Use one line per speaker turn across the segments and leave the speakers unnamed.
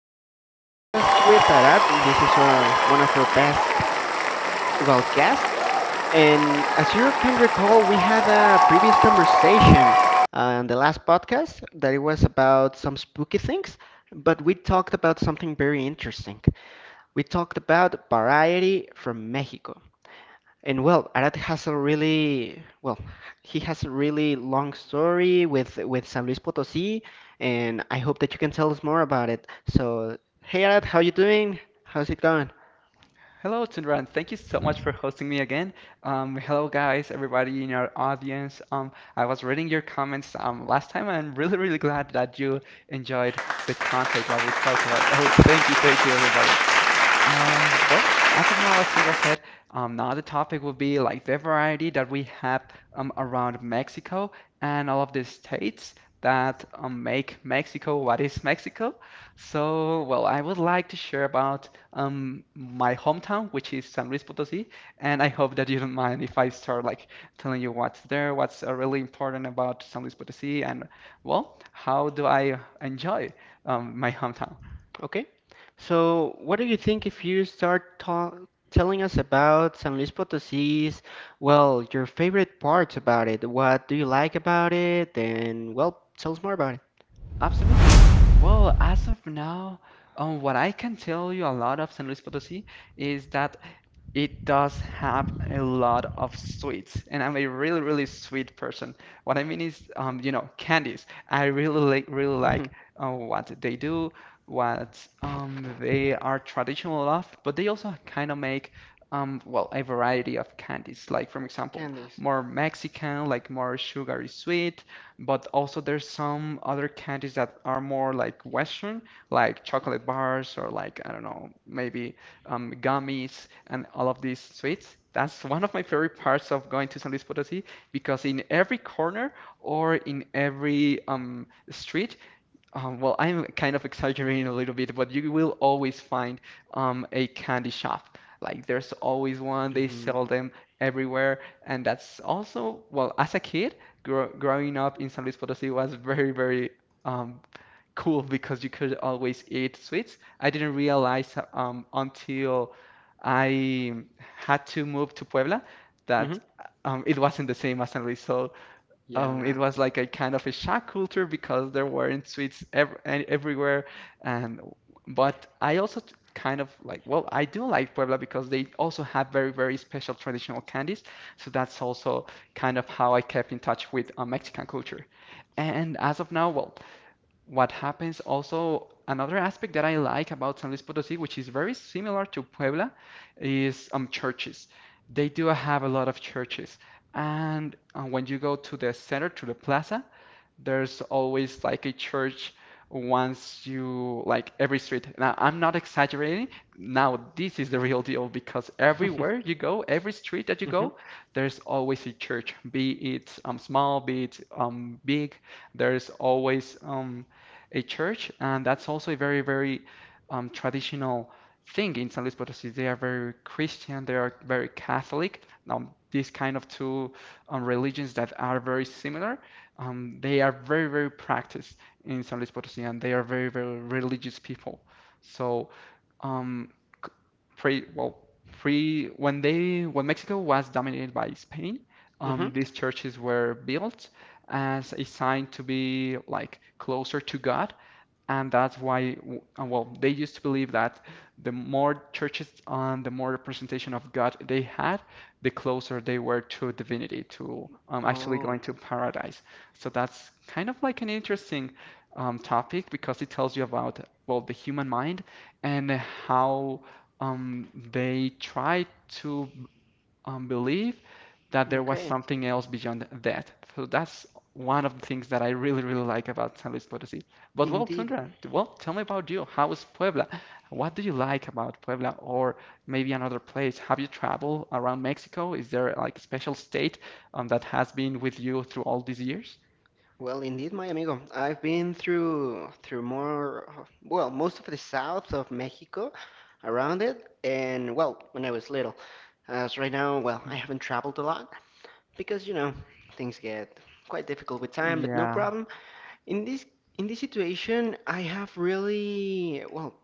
another podcast with Arad. This is our one of our best, guests. And as you can recall, we had a previous conversation on the last podcast that it was about some spooky things, but we talked about something very interesting. We talked about variety from Mexico. And well, Arad has a really well, he has a really long story with San Luis Potosí, and I hope that you can tell us more about it. So, hey Arad, how you doing? How's it going?
Hello, Tundran. Thank you so much for hosting me again. Hello, guys, everybody in our audience. I was reading your comments last time, and I'm really, really glad that you enjoyed the content while we spoke about. Oh, thank you, everybody. As of now, as Sandra said, now the topic will be like the variety that we have around Mexico and all of the states that make Mexico what is Mexico. So, well, I would like to share about my hometown, which is San Luis Potosí, and I hope that you don't mind if I start like telling you what's there, what's really important about San Luis Potosí, and well, how do I enjoy my hometown?
Okay. So, what do you think if you start ta telling us about San Luis Potosí's, well, your favorite parts about it? What do you like about it? And well, tell us more about it.
Absolutely. Well, as of now, what I can tell you a lot of San Luis Potosí is that it does have a lot of sweets, and I'm a really, really sweet person. What I mean is, you know, candies. I really like, really like what they do, what they are traditional of, but they also kind of make, a variety of candies. Like, for example,
Candies.
more Mexican, like more sugary sweet, but also there's some other candies that are more like Western, like chocolate bars or like, I don't know, maybe gummies, and all of these sweets. That's one of my favorite parts of going to San Luis Potosí because in every corner or in every street, I'm kind of exaggerating a little bit, but you will always find a candy shop. Like there's always one, they
hmm
sell them everywhere. And that's also, well, as a kid, growing up in San Luis Potosí was very, very um, cool because you could always eat sweets. I didn't realize until I had to move to Puebla
hmm.
that it wasn't the same as San Luis. So it
Yeah.
was like a kind of a shock culture because there weren't sweets ev everywhere. And but I also kind of like, well, I do like Puebla because they also have very, very special traditional candies. So that's also kind of how I kept in touch with Mexican culture. And as of now, well, what happens also another aspect that I like about San Luis Potosí, which is very similar to Puebla, is churches. They do have a lot of churches, and when you go to the center, to the plaza, there's always like a church once you like every street. Now, I'm not exaggerating. Now, this is the real deal because everywhere you go, every street that you
Mhm,
go, there's always a church, be it small, be it big. There's always a church, and that's also a very, very traditional thing in San Luis Potosí. They are very Christian, they are very Catholic. Now, these kind of two religions that are very similar, they are very, very practiced in San Luis Potosí, and they are very, very religious people. So, um, pre, well, when when Mexico was dominated by Spain,
mhm.
these churches were built as a sign to be like closer to God. And that's why, they used to believe that the more churches and the more representation of God they had, the closer they were to divinity, to actually
Oh,
going to paradise. So that's kind of like an interesting topic because it tells you about, well, the human mind and how they try to believe that there was
okay.
something else beyond that. So that's one of the things that I really, really like about San Luis Potosí. But well,
Indeed.
Tundra, well, tell me about you. How is Puebla? What do you like about Puebla or maybe another place? Have you traveled around Mexico? Is there like a special state that has been with you through all these years?
Well, indeed, my amigo. I've been through more, well, most of the south of Mexico, around it, and well, when I was little. As right now,
Mm,
well, I haven't traveled a lot because, you know, things get quite difficult with time, but no
yeah,
problem. In this in this situation, I have really, well,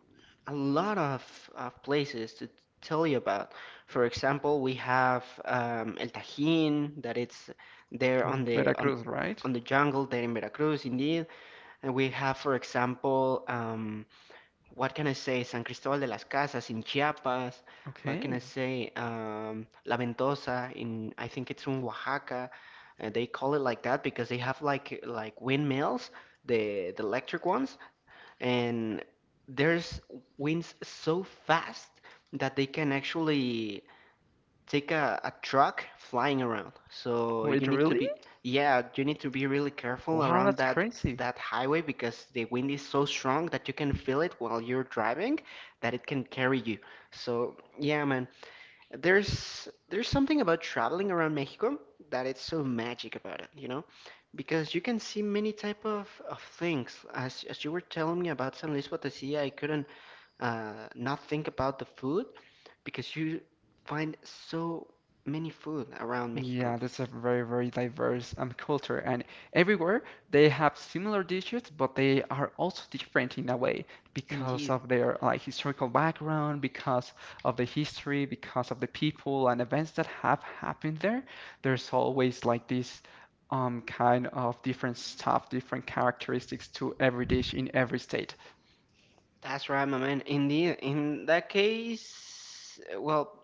a lot of places to tell you about. For example, we have El Tajín that it's there on
Veracruz, right?
on the jungle there in Veracruz, indeed. And we have, for example, what can I say? San Cristóbal de las Casas in Chiapas. What can I
Okay.
say? La Ventosa in I think it's in Oaxaca. They call it like that because they have like windmills, the electric ones and there's winds so fast that they can actually take a truck flying around. So
Wait,
you need to
really?
be, yeah, you need to be really careful
Wow,
around
that's crazy.
that highway because the wind is so strong that you can feel it while you're driving that it can carry you. So yeah, man, there's something about traveling around Mexico that it's so magic about it, you know, because you can see many type of things. As you were telling me about San Luis Potosí, I couldn't not think about the food because you find so many food around Mexico.
Yeah, that's a very, very diverse culture, and everywhere they have similar dishes, but they are also different in a way because
Indeed,
of their like historical background, because of the history, because of the people and events that have happened there. There's always like this kind of different stuff, different characteristics to every dish in every state.
that's right, my man. Indeed, in that case, well,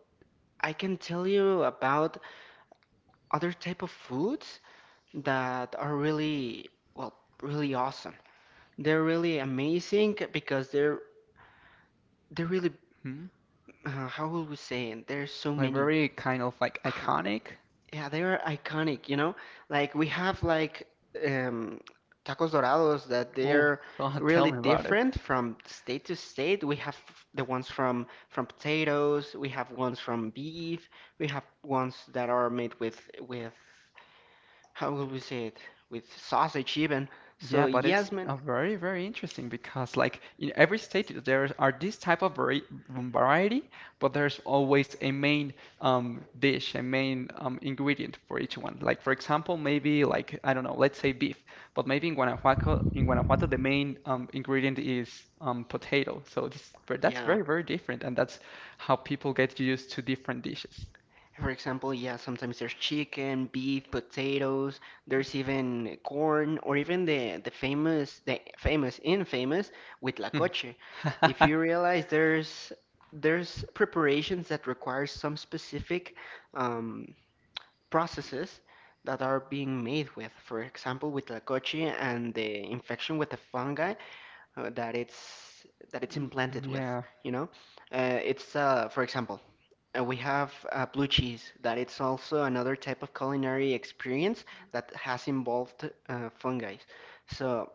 I can tell you about other type of foods that are really, well, really awesome. They're really amazing because they're really how would we say it? There's so
Like
many.
very kind of like
Uh,
iconic.
yeah, they are iconic. You know, like we have um, tacos dorados that
Oh,
they're
God, tell
really
me about it.
different from state to state. We have the ones from potatoes. We have ones from beef. We have ones that are made with how will we say it? With sausage even.
Yeah,
So
but it's
yes, man.
very, very interesting because like in every state there are this type of variety, but there's always a main dish, a main ingredient for each one. Like for example, maybe like I don't know, let's say beef, but maybe in Guanajuato the main ingredient is potato. So this that's
Yeah.
very, very different, and that's how people get used to different dishes.
For example, yeah, sometimes there's chicken, beef, potatoes, there's even corn, or even the famous, infamous with la
Mm.
coche. If you realize there's preparations that require some specific um, processes that are being made with. For example, with la coche and the infection with the fungi uh, that it's that it's implanted with.
Yeah.
You know, it's for example. And we have blue cheese, that it's also another type of culinary experience that has involved fungi. So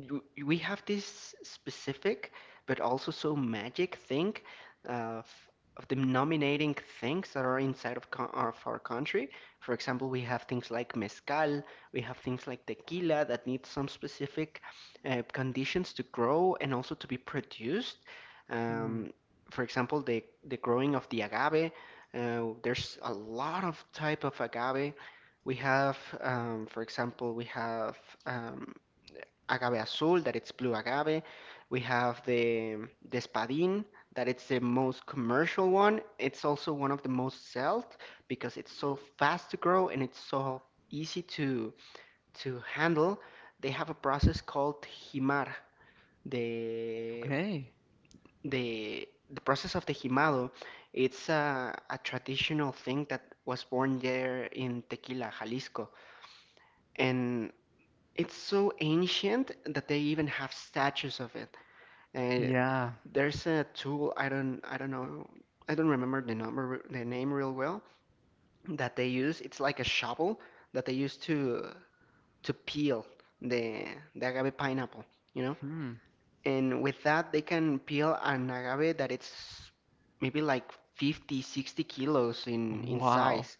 we have this specific but also so magic thing of of the nominating things that are inside of our country. For example, we have things like mezcal, we have things like tequila that need some specific conditions to grow and also to be produced.
Hmm.
Um, for example, the growing of the agave. There's a lot of type of agave. We have, for example, we have. Um, Agave azul, that it's blue agave. We have the espadín, that it's the most commercial one. It's also one of the most sold because it's so fast to grow and it's so easy to handle. They have a process called jimar, The
Okay.
the process of the jimado. It's a traditional thing that was born there in Tequila, Jalisco, and it's so ancient that they even have statues of it. And
Yeah.
there's a tool I don't remember the number the name real well that they use. It's like a shovel that they use to peel the agave pineapple, you know.
Hmm.
And with that they can peel an agave that it's maybe like 50-60 kilos in
Wow.
size,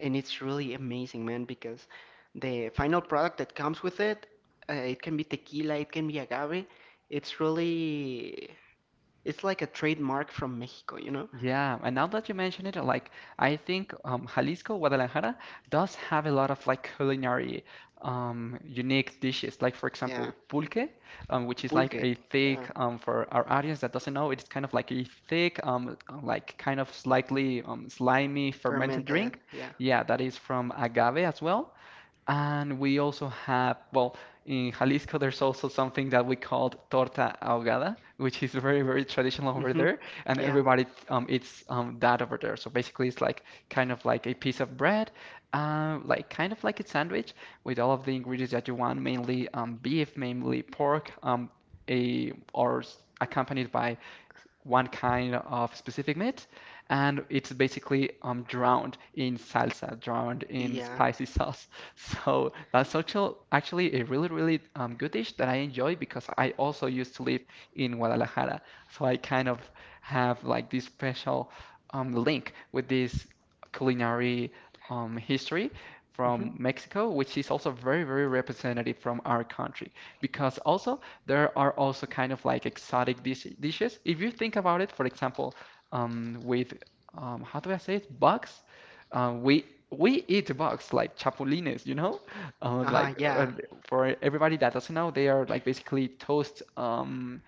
and it's really amazing, man, because the final product that comes with it, it can be tequila, it can be agave. It's really it's like a trademark from Mexico, you know?
Yeah. And now that you mention it, like I think Jalisco, Guadalajara does have a lot of like culinary unique dishes. Like for
Yeah.
example, pulque, which is like
Pulque.
a
Yeah.
thick for our audience that doesn't know, it's kind of like a thick, like kind of slightly slimy fermented
Fermented.
drink.
Yeah.
Yeah, that is from agave as well. And we also have, well, in Jalisco, there's also something that we call torta ahogada, which is very, very traditional over
Mm-hmm.
there. And
Yeah.
everybody eats that over there. So basically, it's like kind of like a piece of bread, like kind of like a sandwich with all of the ingredients that you want, mainly beef, mainly pork, accompanied by one kind of specific meat, and it's basically drowned in salsa, drowned in
Yeah.
spicy sauce. So that's actually a really, really good dish that I enjoy because I also used to live in Guadalajara. So I kind of have like this special link with this culinary history
Mm-hmm.
from Mexico, which is also very, very representative from our country because also there are also kind of like exotic dishes. If you think about it, for example, with how do I say it? Bugs. Uh, we we eat bugs like chapulines, you know? Uh,
Uh-huh.
like uh,
Yeah.
for everybody that doesn't know, they are like basically toast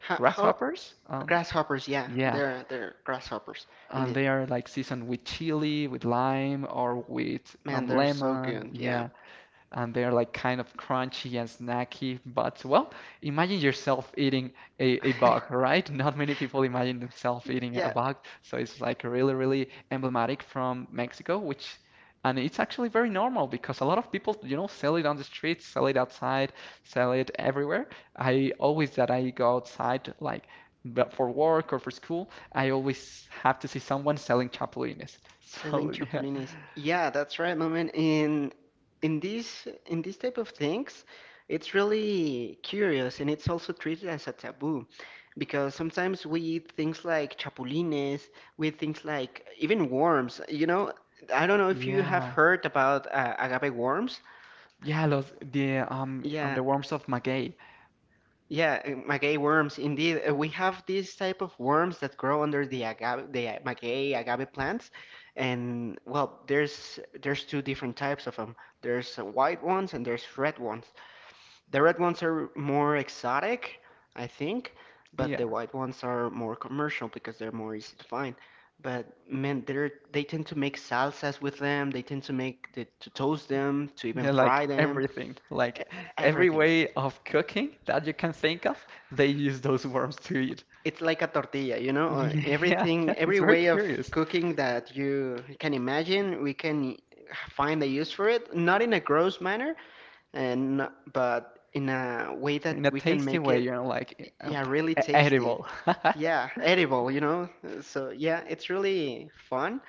How
grasshoppers.
grasshoppers, yeah.
Yeah,
They're grasshoppers.
and
Indeed.
they are like seasoned with chili, with lime, or with
Man, they're so
lemon.
good. Yeah.
Yeah and they're like kind of crunchy and snacky. But well, imagine yourself eating a bug, right? Not many people imagine themselves eating a
Yeah.
bug, so it's like really, really emblematic from Mexico, which and it's actually very normal because a lot of people, you know, sell it on the streets, sell it outside, sell it everywhere. I always that I go outside like but for work or for school, I always have to see someone selling chapulines.
Selling
So yeah,
chapulines. Yeah, that's right, moment. In these type of things, it's really curious and it's also treated as a taboo because sometimes we eat things like chapulines, we eat things like even worms. You know, I don't know if you have
yeah,
heard about agave worms.
yeah, los, the on
Yeah,
the worms of Maggie.
yeah, maguey worms, indeed. We have these type of worms that grow under the agave, the maguey agave plants, and well, there's two different types of them. There's white ones and there's red ones. The red ones are more exotic, I think, but the
Yeah,
white ones are more commercial because they're more easy to find. But man, they tend to make salsas with them. They tend to make to toast them, to even
yeah, like
fry them,
everything,
e-
like every
everything.
way of cooking that you can think of, they use those worms to eat.
It's like a tortilla, you know,
Yeah,
everything,
it's
every
very
way of
curious
cooking that you can imagine, find a use for it, not in a gross manner, and but in a way
in a
that we can
tasty
make
way, you
it,
know, like
yeah, really
e-
tasty.
edible.
Yeah, edible, you know. So yeah, it's really fun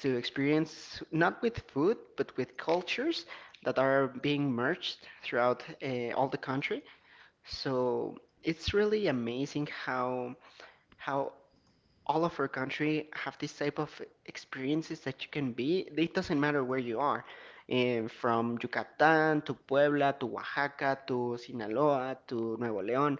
to experience not with food, but with cultures that are being merged throughout all the country. So it's really amazing how all of our country have this type of experiences that you can be. It doesn't matter where you are, from Yucatan to Puebla to Oaxaca to Sinaloa to Nuevo León.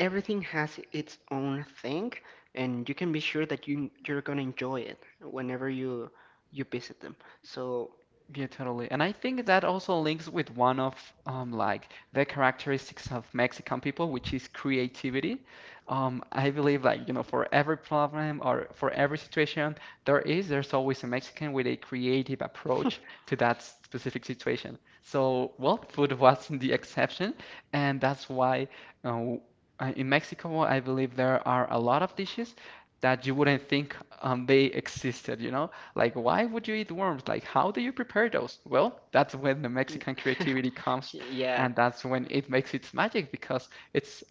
Everything has its own thing, and you can be sure that you're gonna enjoy it whenever you visit them. So,
Yeah, totally. And I think that also links with one of like the characteristics of Mexican people, which is creativity. I believe like, you know, for every problem or for every situation there's always a Mexican with a creative approach to that specific situation. So, well, food wasn't the exception, and that's why uh, in Mexico, I believe there are a lot of dishes that you wouldn't think they existed, you know? Like, why would you eat worms? Like, how do you prepare those? Well, that's when the Mexican creativity comes,
yeah.
and that's when it makes its magic because it's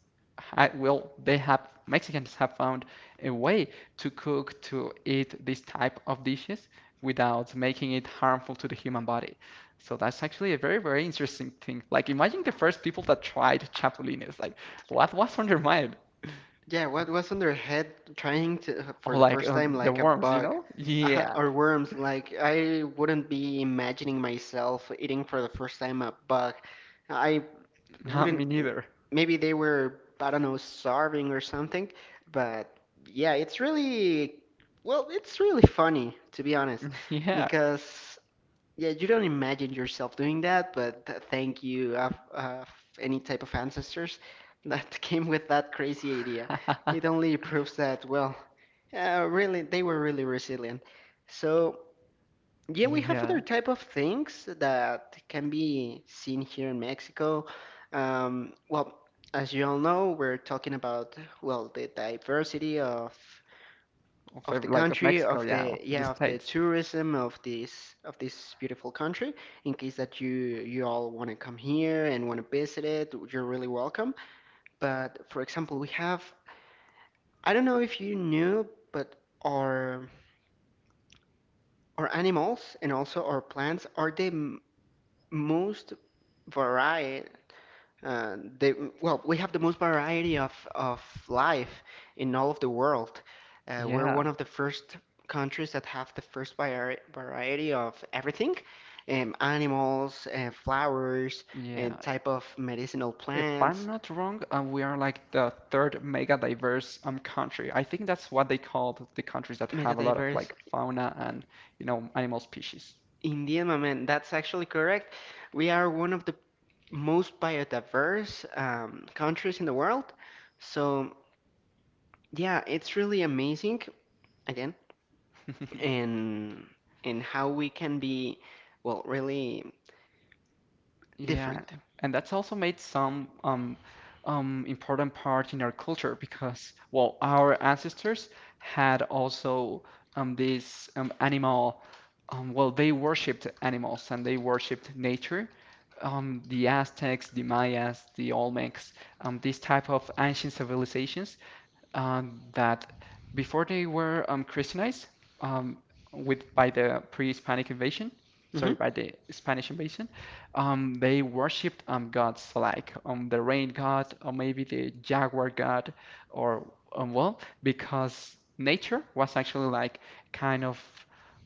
well, they have Mexicans have found a way to cook to eat this type of dishes without making it harmful to the human body. So that's actually a very, very interesting thing. Like, imagine the first people that tried chapulines. Like, what was on their mind?
Yeah, what was on their head trying to, for
Or
the
like
first time,
the
like a
worms, you
bug
know? Yeah,
or worms? Like, I wouldn't be imagining myself eating for the first time a bug. I
Not
wouldn't,
me neither.
maybe they were, I don't know, starving or something, but yeah, it's really, well, it's really funny, to be honest,
Yeah.
because yeah, you don't imagine yourself doing that, but thank you, any type of ancestors that came with that crazy idea. It only proves that, well, really, they were really resilient. So, yeah, we have
Yeah,
other type of things that can be seen here in Mexico. Well, as you all know, we're talking about, well, the diversity of the
like of
country
Mexico,
of
yeah,
the
of the
yeah of the
states.
tourism of this beautiful country in case that you all want to come here and want to visit it, you're really welcome. But for example, we have, I don't know if you knew, but our our animals and also our plants are the most varied. And they, well, we have the most variety of life in all of the world. We're
Yeah,
one of the first countries that have the first variety of everything, animals, flowers, and
yeah.
type of medicinal
If I'm
plants,
not wrong, we are like the third mega diverse country. I think that's what they called the countries that
mega
have a lot of
diverse.
like fauna and you know animal species.
Indeed, my man, that's actually correct. We are one of the most biodiverse countries in the world. So, yeah, it's really amazing. Again, and and how we can be well really
Yeah,
different.
and that's also made some important part in our culture because, well, our ancestors had also this animal. Well, they worshipped animals and they worshipped nature. The Aztecs, the Mayas, the Olmecs, these type of ancient civilizations that before they were Christianized um, with by the pre-Hispanic invasion,
Hmm.
sorry, by the Spanish invasion, they worshipped gods like the rain god, or maybe the jaguar god, or because nature was actually like kind of,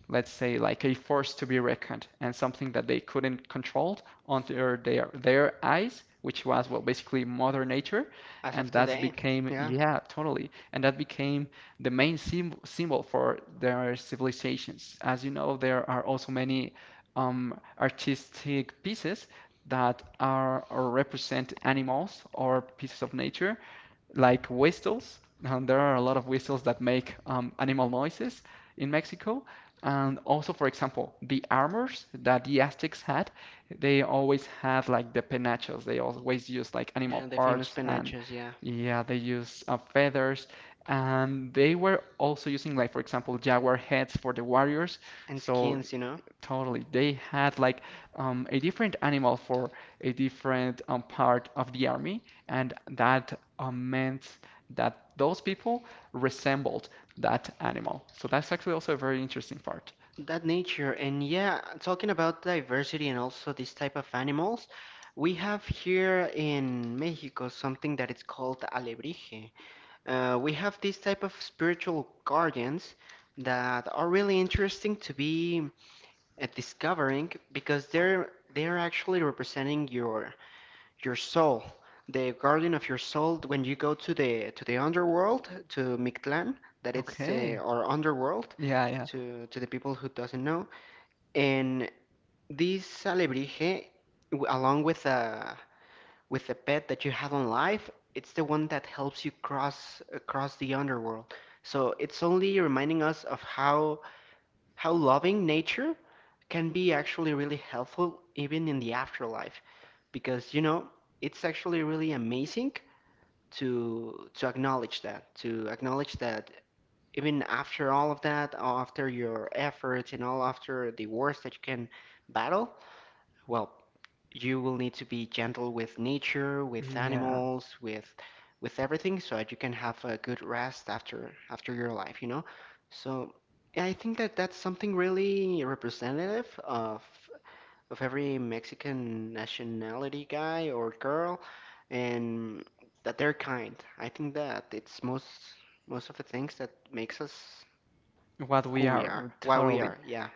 let's say, like a force to be reckoned and something that they couldn't control under their eyes, which was well basically Mother Nature.
As of
And that
today.
became,
Yeah,
yeah, totally, and that became the main symbol for their civilizations. As you know, there are also many artistic pieces that are or represent animals or pieces of nature, like whistles. And there are a lot of whistles that make animal noises in Mexico. And also, for example, the armors that the Aztecs had, they always had like the penachos. They always used like animal
yeah, the famous
parts, and
penachos, yeah,
yeah, they used feathers, and they were also using, like, for example, jaguar heads for the warriors.
and
So
skins, you know,
totally, they had like a different animal for a different part of the army, and that meant that those people resembled that animal. So that's actually also a very interesting part.
that nature, and yeah, talking about diversity and also this type of animals, we have here in Mexico something that is called alebrije. We have this type of spiritual guardians that are really interesting to be discovering because they're actually representing your soul, the guardian of your soul, when you go to the underworld, to Mictlan, that it's
Okay.
our underworld,
Yeah, yeah,
to the people who doesn't know. And this alebrije, along with a with the pet that you have on life, it's the one that helps you cross across the underworld. So it's only reminding us of how loving nature can be actually really helpful even in the afterlife because you know it's actually really amazing to acknowledge that even after all of that, after your efforts and all, after the wars that you can battle, well, you will need to be gentle with nature, with
yeah.
animals, with everything so that you can have a good rest after after your life, you know. So yeah, I think that that's something really representative of every Mexican nationality guy or girl, and that they're kind. I think that it's most most of the things that makes us
What
who
we
we are,
are,
why we
totally.
are. Yeah,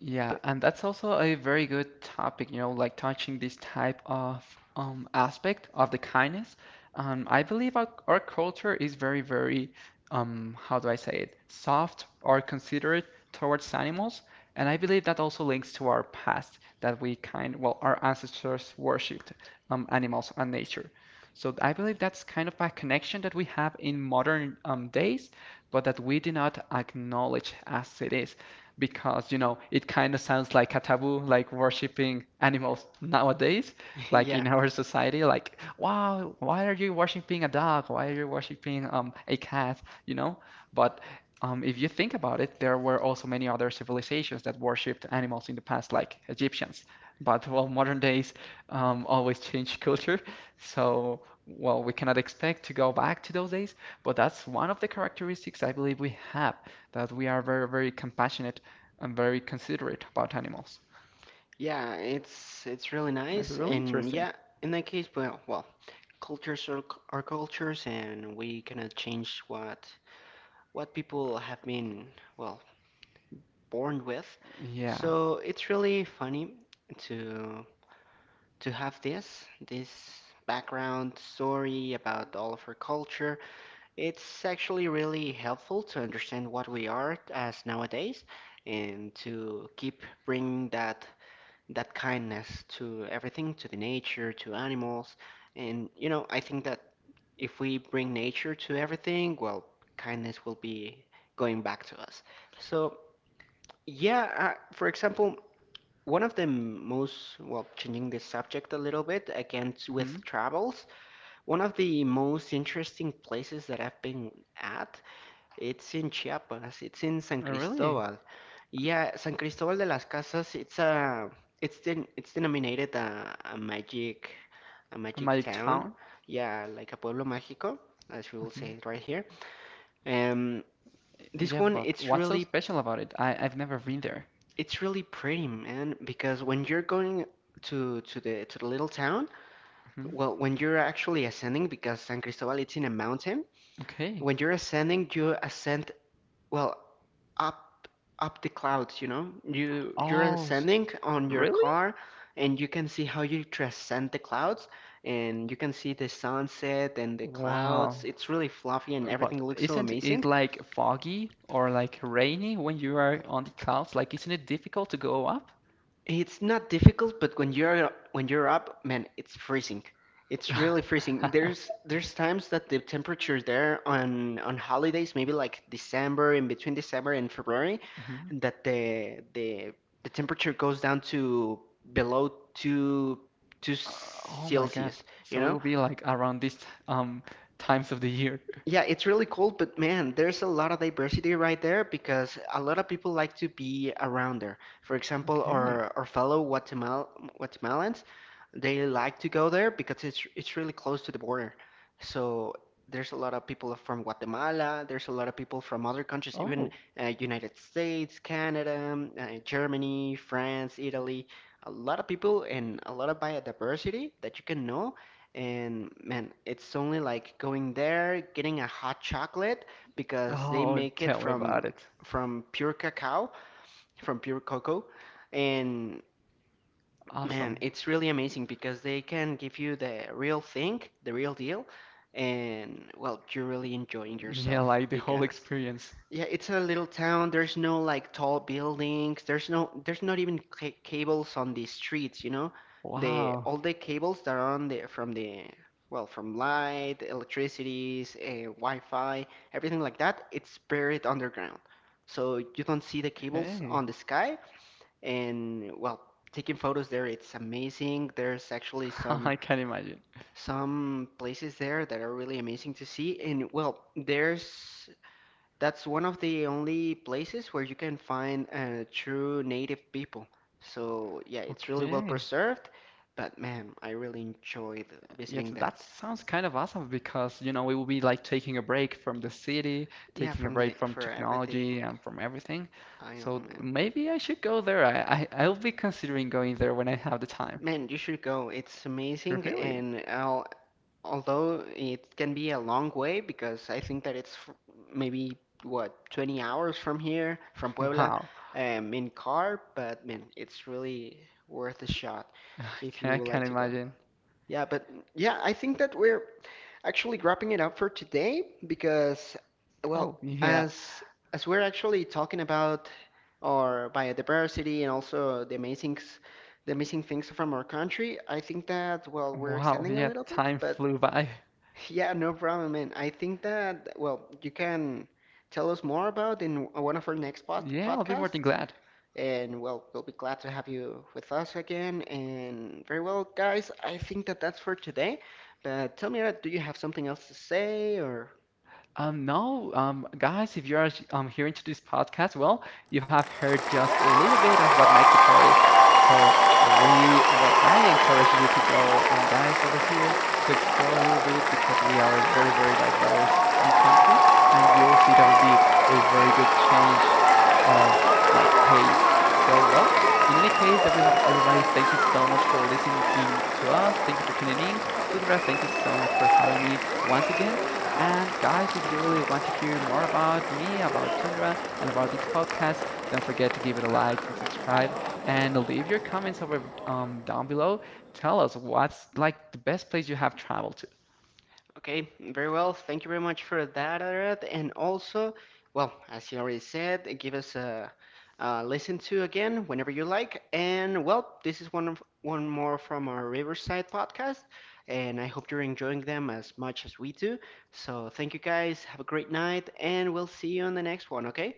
Yeah,
but
and that's also a very good topic, you know, like touching this type of aspect of the kindness. I believe our culture is very, very, how do I say it, soft or considerate towards animals. And I believe that also links to our past, that we kind, well, our ancestors worshipped animals and nature. So I believe that's kind of a connection that we have in modern days, but that we do not acknowledge as it is, because you know it kind of sounds like a taboo, like worshiping animals nowadays, like
yeah,
in our society, like wow, why are you worshiping a dog? Why are you worshiping a cat? You know, but if you think about it, there were also many other civilizations that worshipped animals in the past, like Egyptians. But well, modern days always change culture, so well, we cannot expect to go back to those days. But that's one of the characteristics I believe we have, that we are very, very compassionate. I'm very considerate about animals.
yeah, it's really
That's
nice,
really
and
interesting.
yeah, in that case, well, well, cultures are, are cultures, and we cannot change what people have been, well, born with.
Yeah.
So it's really funny to to have this background story about all of our culture. It's actually really helpful to understand what we are as nowadays and to keep bringing that that kindness to everything, to the nature, to animals. And you know, I think that if we bring nature to everything, well, kindness will be going back to us. So, yeah, for example, one of the most, well, changing the subject a little bit, again with
Hmm.
travels, one of the most interesting places that I've been at, it's in Chiapas, it's in San
Really?
Cristobal. Yeah, San Cristobal de las Casas, it's a, it's denominated a
A
magic
magic
town.
town?
Yeah, like a pueblo mágico, as we will say
Hmm.
it right here. Um, this
Yeah,
one,
but what's so special about it? I've never been there.
it's really pretty, man, because when you're going to the little town.
Hmm.
Well, when you're actually ascending, because San Cristobal it's in a mountain,
Okay.
when you're ascending, you ascend, well, up up the clouds. You know, you you're
Oh, s-
ascending on your
Really?
car, and you can see how you transcend the clouds, and you can see the sunset and the clouds.
Wow.
It's really fluffy, and
But
everything looks so
isn't it
amazing.
like foggy or like rainy when you are on the clouds? Like, isn't it difficult to go up?
It's not difficult, but when you're up, man, it's freezing. It's really freezing. There's times that the temperature there on holidays, maybe like December, in between December and February,
Mhm.
that the the temperature goes down to below two two
Uh, oh my God.
Celsius, you
So it
know?
will be like around this um times of the year.
Yeah, it's really cool, but man, there's a lot of diversity right there because a lot of people like to be around there. For example,
Okay.
our fellow Guatemalans, they like to go there because it's really close to the border. So there's a lot of people from Guatemala, there's a lot of people from other countries, even
Oh.
United States, Canada, Germany, France, Italy. A lot of people and a lot of biodiversity that you can know, and man, it's only like going there, getting a hot chocolate because they
Oh,
make it
tell me about it.
from pure cacao, from pure cocoa. And man,
Awesome.
it's really amazing because they can give you the real thing, the real deal, and well, you're really enjoying
Yeah,
yourself
like the whole
because
experience.
yeah, it's a little town. There's no like tall buildings. There's no there's not even ca cables on the streets, you know? The
Wow.
all the cables that are on the from the, well, from light, electricities, Wi-Fi, everything like that, it's buried underground. So you don't see the cables
Okay.
on the sky, and well, taking photos there it's amazing. There's actually
I can imagine.
some places there that are really amazing to see, and well, there's that's one of the only places where you can find true native people. So yeah, it's really well
Okay.
preserved, but man, I really enjoyed
Yes,
visiting
that
that.
sounds kind of awesome because, you know, we will be like taking a break from the city,
Yeah,
taking a
from the
break from
for
technology
everything,
and from everything.
I know,
So
man.
maybe I should go there. I'll be considering going there when I have the time.
Man, you should go. It's amazing,
Really?
and I'll, although it can be a long way because I think that it's maybe what, 20 hours from here, from Puebla,
Wow.
in car, but man, it's really worth a shot
I
if you
I
would like
can
to go.
imagine.
Yeah, but yeah, I think that we're actually wrapping it up for today because, well,
Oh, yeah.
as as we're actually talking about our biodiversity and also the amazing the amazing things from our country, I think that, well, we're
Wow.
extending a
Yeah,
little bit,
time
but
flew by.
yeah, no problem, man. I think that, well, you can tell us more about in one of our next
Yeah, I'll be more than
podcasts.
glad.
And well, we'll be glad to have you with us again. And very well, guys, I think that that's for today. But tell me, do you have something else to say, or?
No, guys, if you're here into this podcast, well, you have heard just a little bit of what Mexico is. So we, well, I encourage you to go, guys, over here to explore a little bit, because we are a very, very diverse country, and you'll see that will be a very good change of like pace. So, well, in any case, everyone, everybody, thank you so much for listening in to us. Thank you for tuning in. Tundra, thank you so much for having me once again. And guys, if you really want to hear more about me, about Tundra, and about this podcast, don't forget to give it a like and subscribe, and leave your comments over down below. Tell us what's like the best place you have traveled to.
Okay, very well. Thank you very much for that, Arad. And also, well, as you already said, give us a listen to again whenever you like. And well, this is one of, one more from our Riverside podcast, and I hope you're enjoying them as much as we do. So thank you guys. Have a great night, and we'll see you on the next one. Okay.